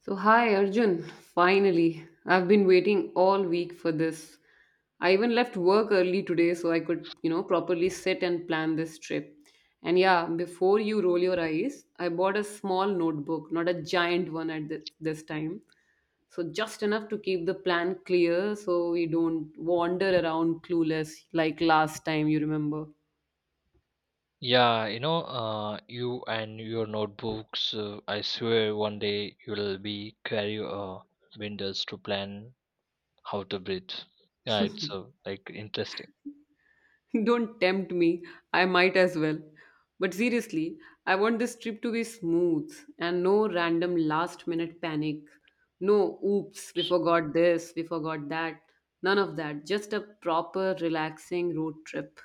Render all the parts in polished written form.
So, hi Arjun, finally. I've been waiting all week for this. I even left work early today so I could, properly sit and plan this trip. And yeah, before you roll your eyes, I bought a small notebook, not a giant one at this time. So, just enough to keep the plan clear so we don't wander around clueless like last time, you remember. Yeah, you know, you and your notebooks, I swear one day you'll be carry windows to plan how to breathe. Yeah, it's like interesting. Don't tempt me. I might as well. But seriously, I want this trip to be smooth and no random last minute panic. No, oops, we forgot this, we forgot that. None of that. Just a proper, relaxing road trip.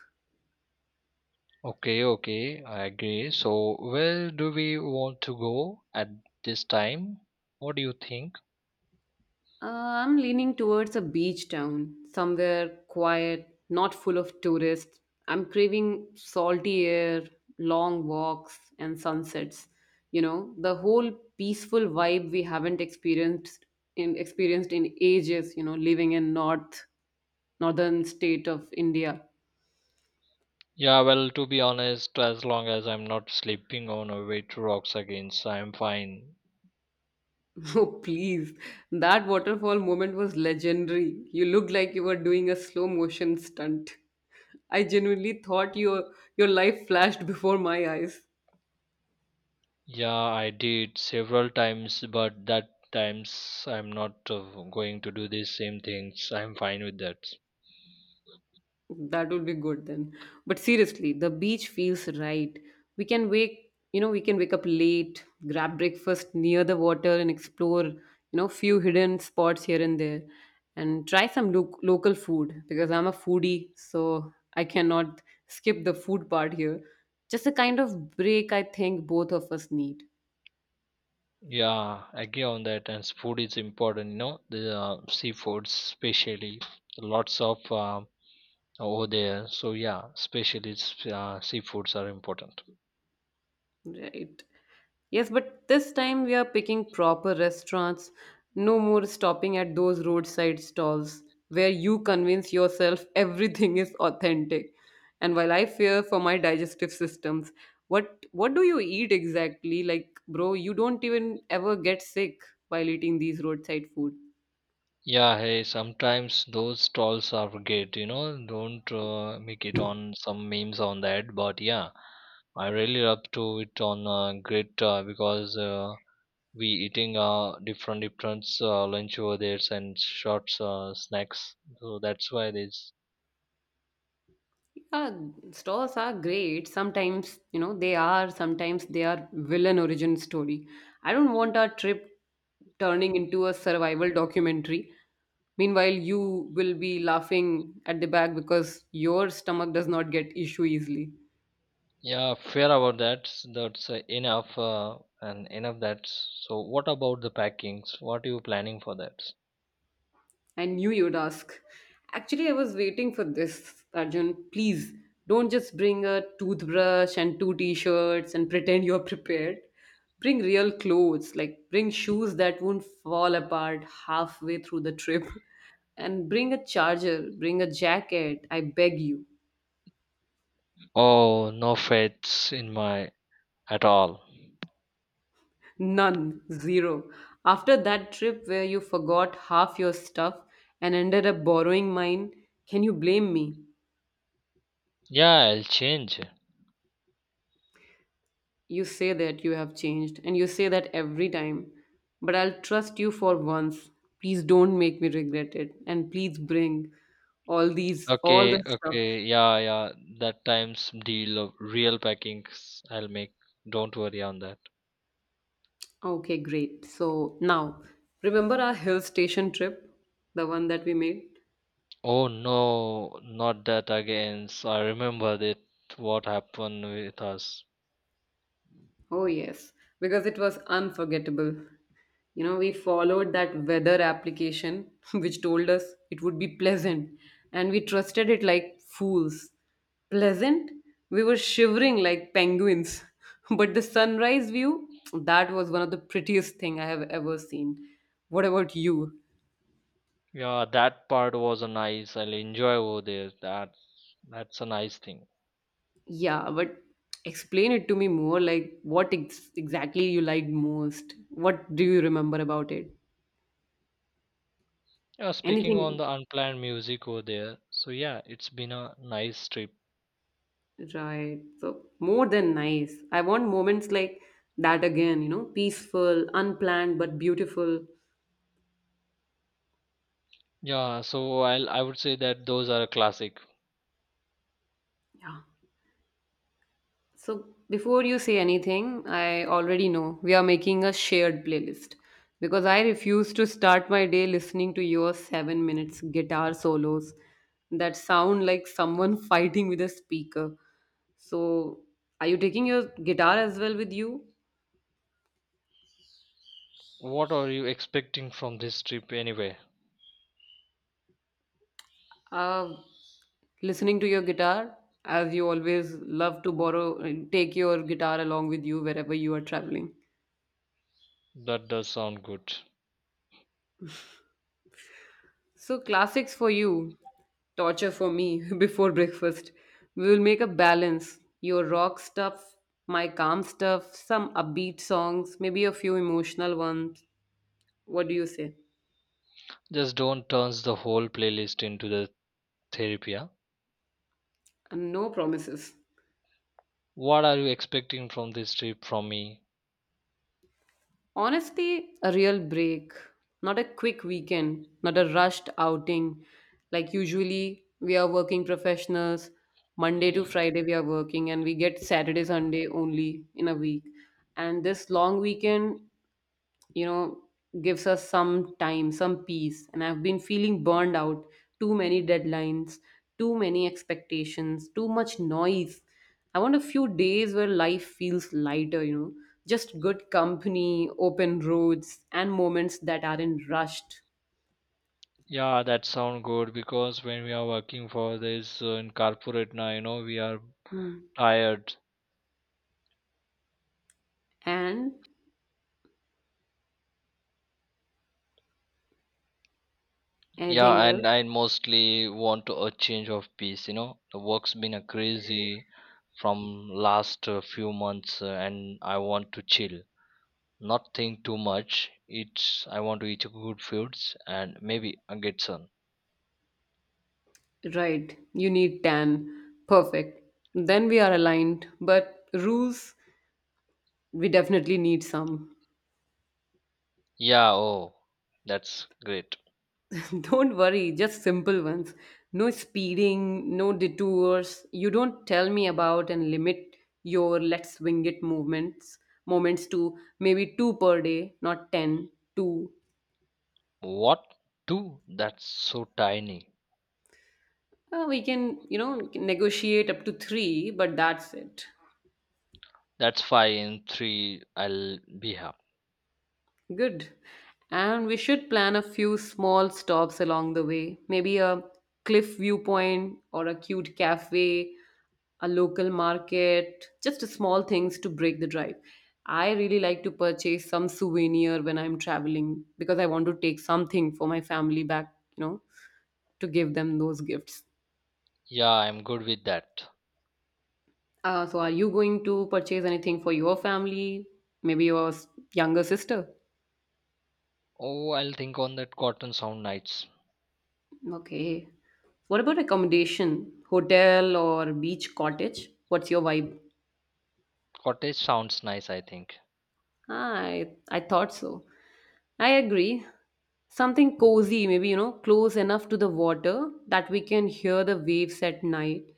Okay, okay, I agree. So, where do we want to go at this time? What do you think? I'm leaning towards a beach town, somewhere quiet, not full of tourists. I'm craving salty air, long walks, and sunsets. You know, the whole peaceful vibe we haven't experienced in ages, living in northern state of India. Yeah, well, to be honest, as long as I'm not sleeping on a way to rocks again, so I'm fine. Oh, please. That waterfall moment was legendary. You looked like you were doing a slow motion stunt. I genuinely thought your life flashed before my eyes. Yeah, I did several times, but that times I'm not going to do these same things. I'm fine with that. That would be good then. But seriously, the beach feels right. We can wake up late, grab breakfast near the water and explore, few hidden spots here and there and try some local food because I'm a foodie, so I cannot skip the food part here. Just a kind of break I think both of us need. Yeah, I agree on that. And food is important, you know, the seafoods, especially lots of over there. So yeah, especially seafoods are important. Right. Yes, but this time we are picking proper restaurants, no more stopping at those roadside stalls where you convince yourself everything is authentic. And while I fear for my digestive systems, what do you eat exactly? Like, bro, you don't even ever get sick while eating these roadside food. Yeah, hey, sometimes those stalls are great, you know, don't make it on some memes on that, but yeah, I really love to it on great because. We eating different different lunch over there and short snacks, so that's why this, Yeah, stores are great. Sometimes, they are, sometimes they are villain origin story. I don't want our trip turning into a survival documentary. Meanwhile, you will be laughing at the back because your stomach does not get issue easily. yeah, fair about that. That's enough and enough that. So what about the packings? What are you planning for that? I knew you'd ask. Actually, I was waiting for this, Arjun. Please don't just bring a toothbrush and two t shirts and pretend you're prepared. Bring real clothes, like bring shoes that won't fall apart halfway through the trip. And bring a charger, bring a jacket, I beg you. Oh, no faiths in my at all. None, zero. After that trip where you forgot half your stuff and ended up borrowing mine, can you blame me? Yeah, I'll change. You say that you have changed, and you say that every time. But I'll trust you for once. Please don't make me regret it. And please bring all these, Okay, all the stuff. okay, yeah, yeah, that times deal of real packings I'll make. Don't worry on that. Okay, great. So now, remember our hill station trip, the one that we made? Oh no, not that again. So I remembered it, what happened with us. Oh, yes, because it was unforgettable. You know, we followed that weather application which told us it would be pleasant, and we trusted it like fools. Pleasant? We were shivering like penguins. But the sunrise view, that was one of the prettiest thing I have ever seen. What about you? Yeah, that part was a nice. I'll enjoy over there. That's a nice thing. Yeah, but explain it to me more like what exactly you liked most. What do you remember about it? Yeah, speaking on Anything? the unplanned music over there. So yeah, it's been a nice trip. Right. So more than nice. I want moments like that again, peaceful, unplanned, but beautiful. Yeah, so I would say that those are a classic. Yeah. So before you say anything, I already know we are making a shared playlist because I refuse to start my day listening to your 7 minutes guitar solos that sound like someone fighting with a speaker. So are you taking your guitar as well with you? What are you expecting from this trip anyway? Uh, Listening to your guitar, as you always love to borrow, take your guitar along with you wherever you are traveling. That does sound good. So, classics for you, torture for me before breakfast. We will make a balance. Your rock stuff, my calm stuff, some upbeat songs, maybe a few emotional ones. What do you say? Just don't turns the whole playlist into the therapy, yeah? And no promises. What are you expecting from this trip from me? Honestly, a real break, not a quick weekend, not a rushed outing. Like usually, we are working professionals. Monday to Friday, we are working, and we get Saturday, Sunday only in a week. And this long weekend you know gives us some time, some peace, and I've been feeling burned out, too many deadlines, too many expectations, too much noise. I want a few days where life feels lighter, just good company, open roads, and moments that aren't rushed. Yeah, that sound good because when we are working for this in corporate now, you know, we are Hmm. tired. And anything Yeah, else? and I mostly want to a change of pace. You know, the work's been a crazy from last few months, and I want to chill, not think too much. It's I want to eat good foods and maybe get sun. Right, you need 10 perfect. Then we are aligned, but rules, we definitely need some. Yeah, oh, that's great. Don't worry, just simple ones. No speeding, no detours. You don't tell me about and limit your let's wing it movements moments to maybe two per day, not 10, two. What, two? That's so tiny. We can, negotiate up to three, but that's it. That's five and three. I'll be happy. Good. And we should plan a few small stops along the way. Maybe a cliff viewpoint or a cute cafe, a local market, just small things to break the drive. I really like to purchase some souvenir when I'm traveling because I want to take something for my family back, to give them those gifts. Yeah, I'm good with that. So, are you going to purchase anything for your family? Maybe your younger sister? Oh, I'll think on that cotton sound nights. Okay. What about accommodation? Hotel or beach cottage? What's your vibe? Cottage sounds nice, I think. I thought so. I agree. Something cozy, maybe, close enough to the water that we can hear the waves at night.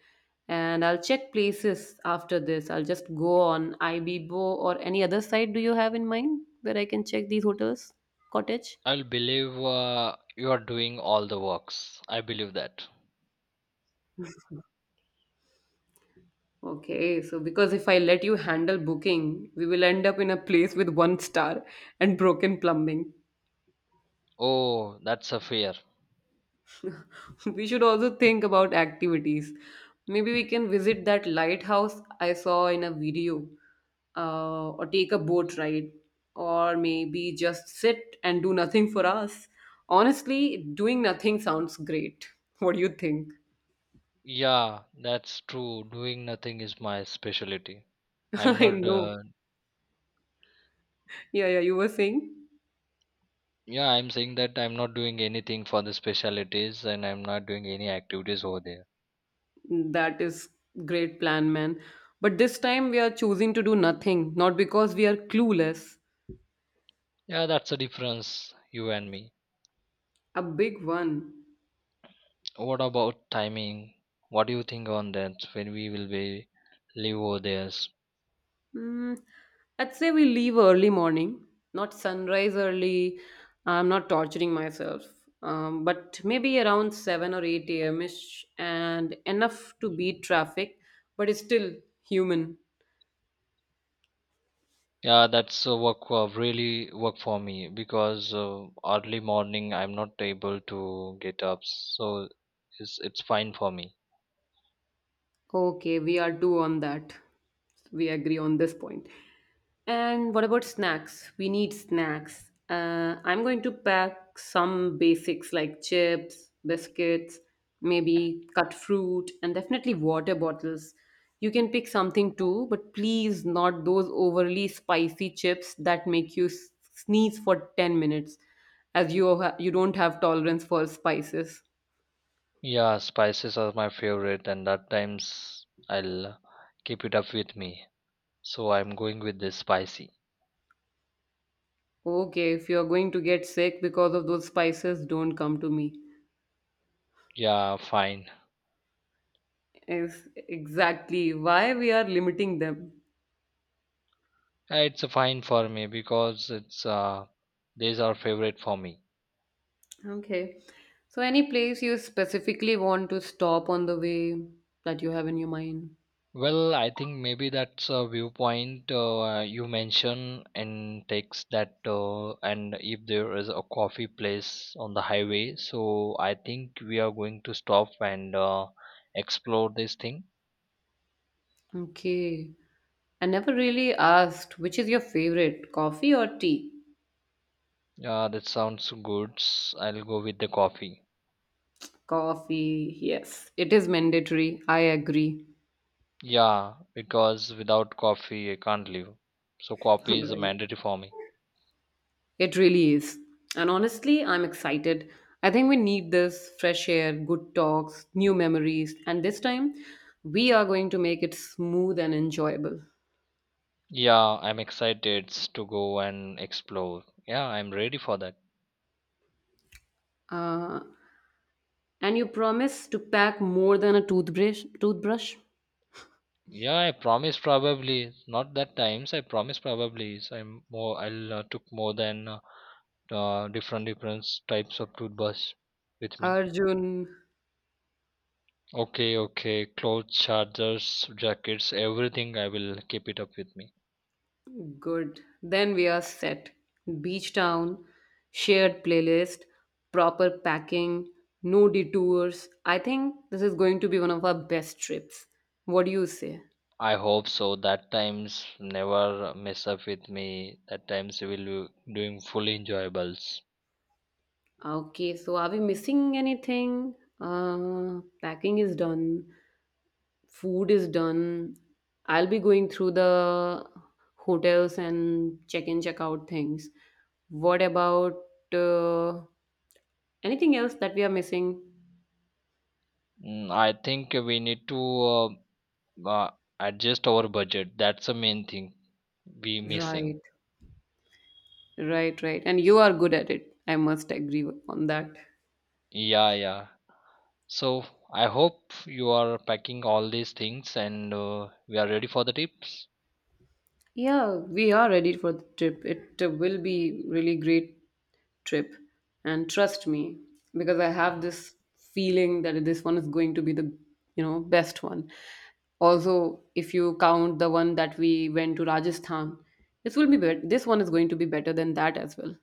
And I'll check places after this. I'll just go on Ibibo or any other site do you have in mind where I can check these hotels, cottage? I'll believe you are doing all the works. I believe that. Okay, so because if I let you handle booking, we will end up in a place with one star and broken plumbing. Oh, that's a fear. We should also think about activities. Maybe we can visit that lighthouse I saw in a video, or take a boat ride, or maybe just sit and do nothing for us. Honestly, doing nothing sounds great. What do you think? Yeah, that's true. Doing nothing is my specialty. I'm I not. know. Yeah, yeah, you were saying? Yeah, I'm saying that I'm not doing anything for the specialities, and I'm not doing any activities over there. That is great plan, man. But this time we are choosing to do nothing, not because we are clueless. Yeah, that's the difference you and me. A big one. What about timing? What do you think on that? When we will be live over there? Hmm. I'd say we leave early morning, not sunrise early. I'm not torturing myself. But maybe around 7 or 8 a.m. ish and enough to beat traffic, but it's still human. Yeah, that's work really work for me because early morning I'm not able to get up, so it's fine for me. Okay, we are two on that. We agree on this point. And what about snacks? We need snacks. I'm going to pack some basics like chips, biscuits, maybe cut fruit, and definitely water bottles. You can pick something too, but please not those overly spicy chips that make you sneeze for 10 minutes, as you, you don't have tolerance for spices. Yeah, spices are my favorite, and that times I'll keep it up with me. So I'm going with the spicy. Okay, if you're going to get sick because of those spices, don't come to me. Yeah, fine. Is exactly why we are limiting them. It's fine for me because it's these are favorite for me. Okay. So, any place you specifically want to stop on the way that you have in your mind? Well, I think maybe that's a viewpoint you mention and takes that, and if there is a coffee place on the highway, so I think we are going to stop and explore this thing. Okay. I never really asked which is your favorite, coffee or tea? That sounds good. I'll go with the coffee. Coffee, yes. It is mandatory. I agree. Yeah, because without coffee, I can't live. So coffee is a Right. mandatory for me. It really is. And honestly, I'm excited. I think we need this fresh air, good talks, new memories, and this time we are going to make it smooth and enjoyable. Yeah, I'm excited to go and explore. Yeah, I'm ready for that. Uh, and you promise to pack more than a toothbrush? Toothbrush? Yeah, I promise probably not that times. I promise probably. So I'm more. I'll took more than different different types of toothbrush with me. Arjun, Okay, okay. Clothes, chargers, jackets, everything. I will keep it up with me. good. Then we are set. Beach town, shared playlist, proper packing, no detours. I think this is going to be one of our best trips. What do you say? I hope so. That times never mess up with me. That times we will be doing fully enjoyables. Okay, so are we missing anything? Packing is done, food is done. I'll be going through the hotels and check-in, check-out things. What about uh, anything else that we are missing? Mm, I think we need to adjust our budget. That's the main thing we missing. Right, right, right. And you are good at it. I must agree on that. Yeah, yeah. So I hope you are packing all these things and we are ready for the tips. Yeah, we are ready for the trip. It will be really great trip, and trust me, because I have this feeling that this one is going to be the best one. Also, if you count the one that we went to Rajasthan, this will be this one is going to be better than that as well.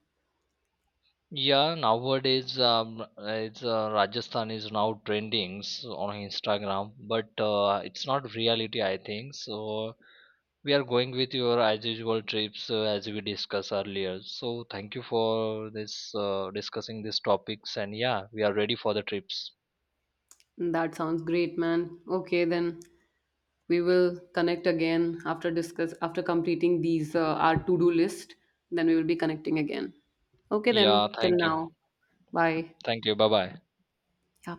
Yeah, nowadays it's Rajasthan is now trending on Instagram, but it's not reality, I think. So we are going with your as usual trips as we discussed earlier. So thank you for this discussing these topics, and yeah, we are ready for the trips. That sounds great, man. Okay, then we will connect again after completing these our to-do list. Then we will be connecting again. Okay, then Yeah, till now. Bye. thank you, bye bye. Yeah.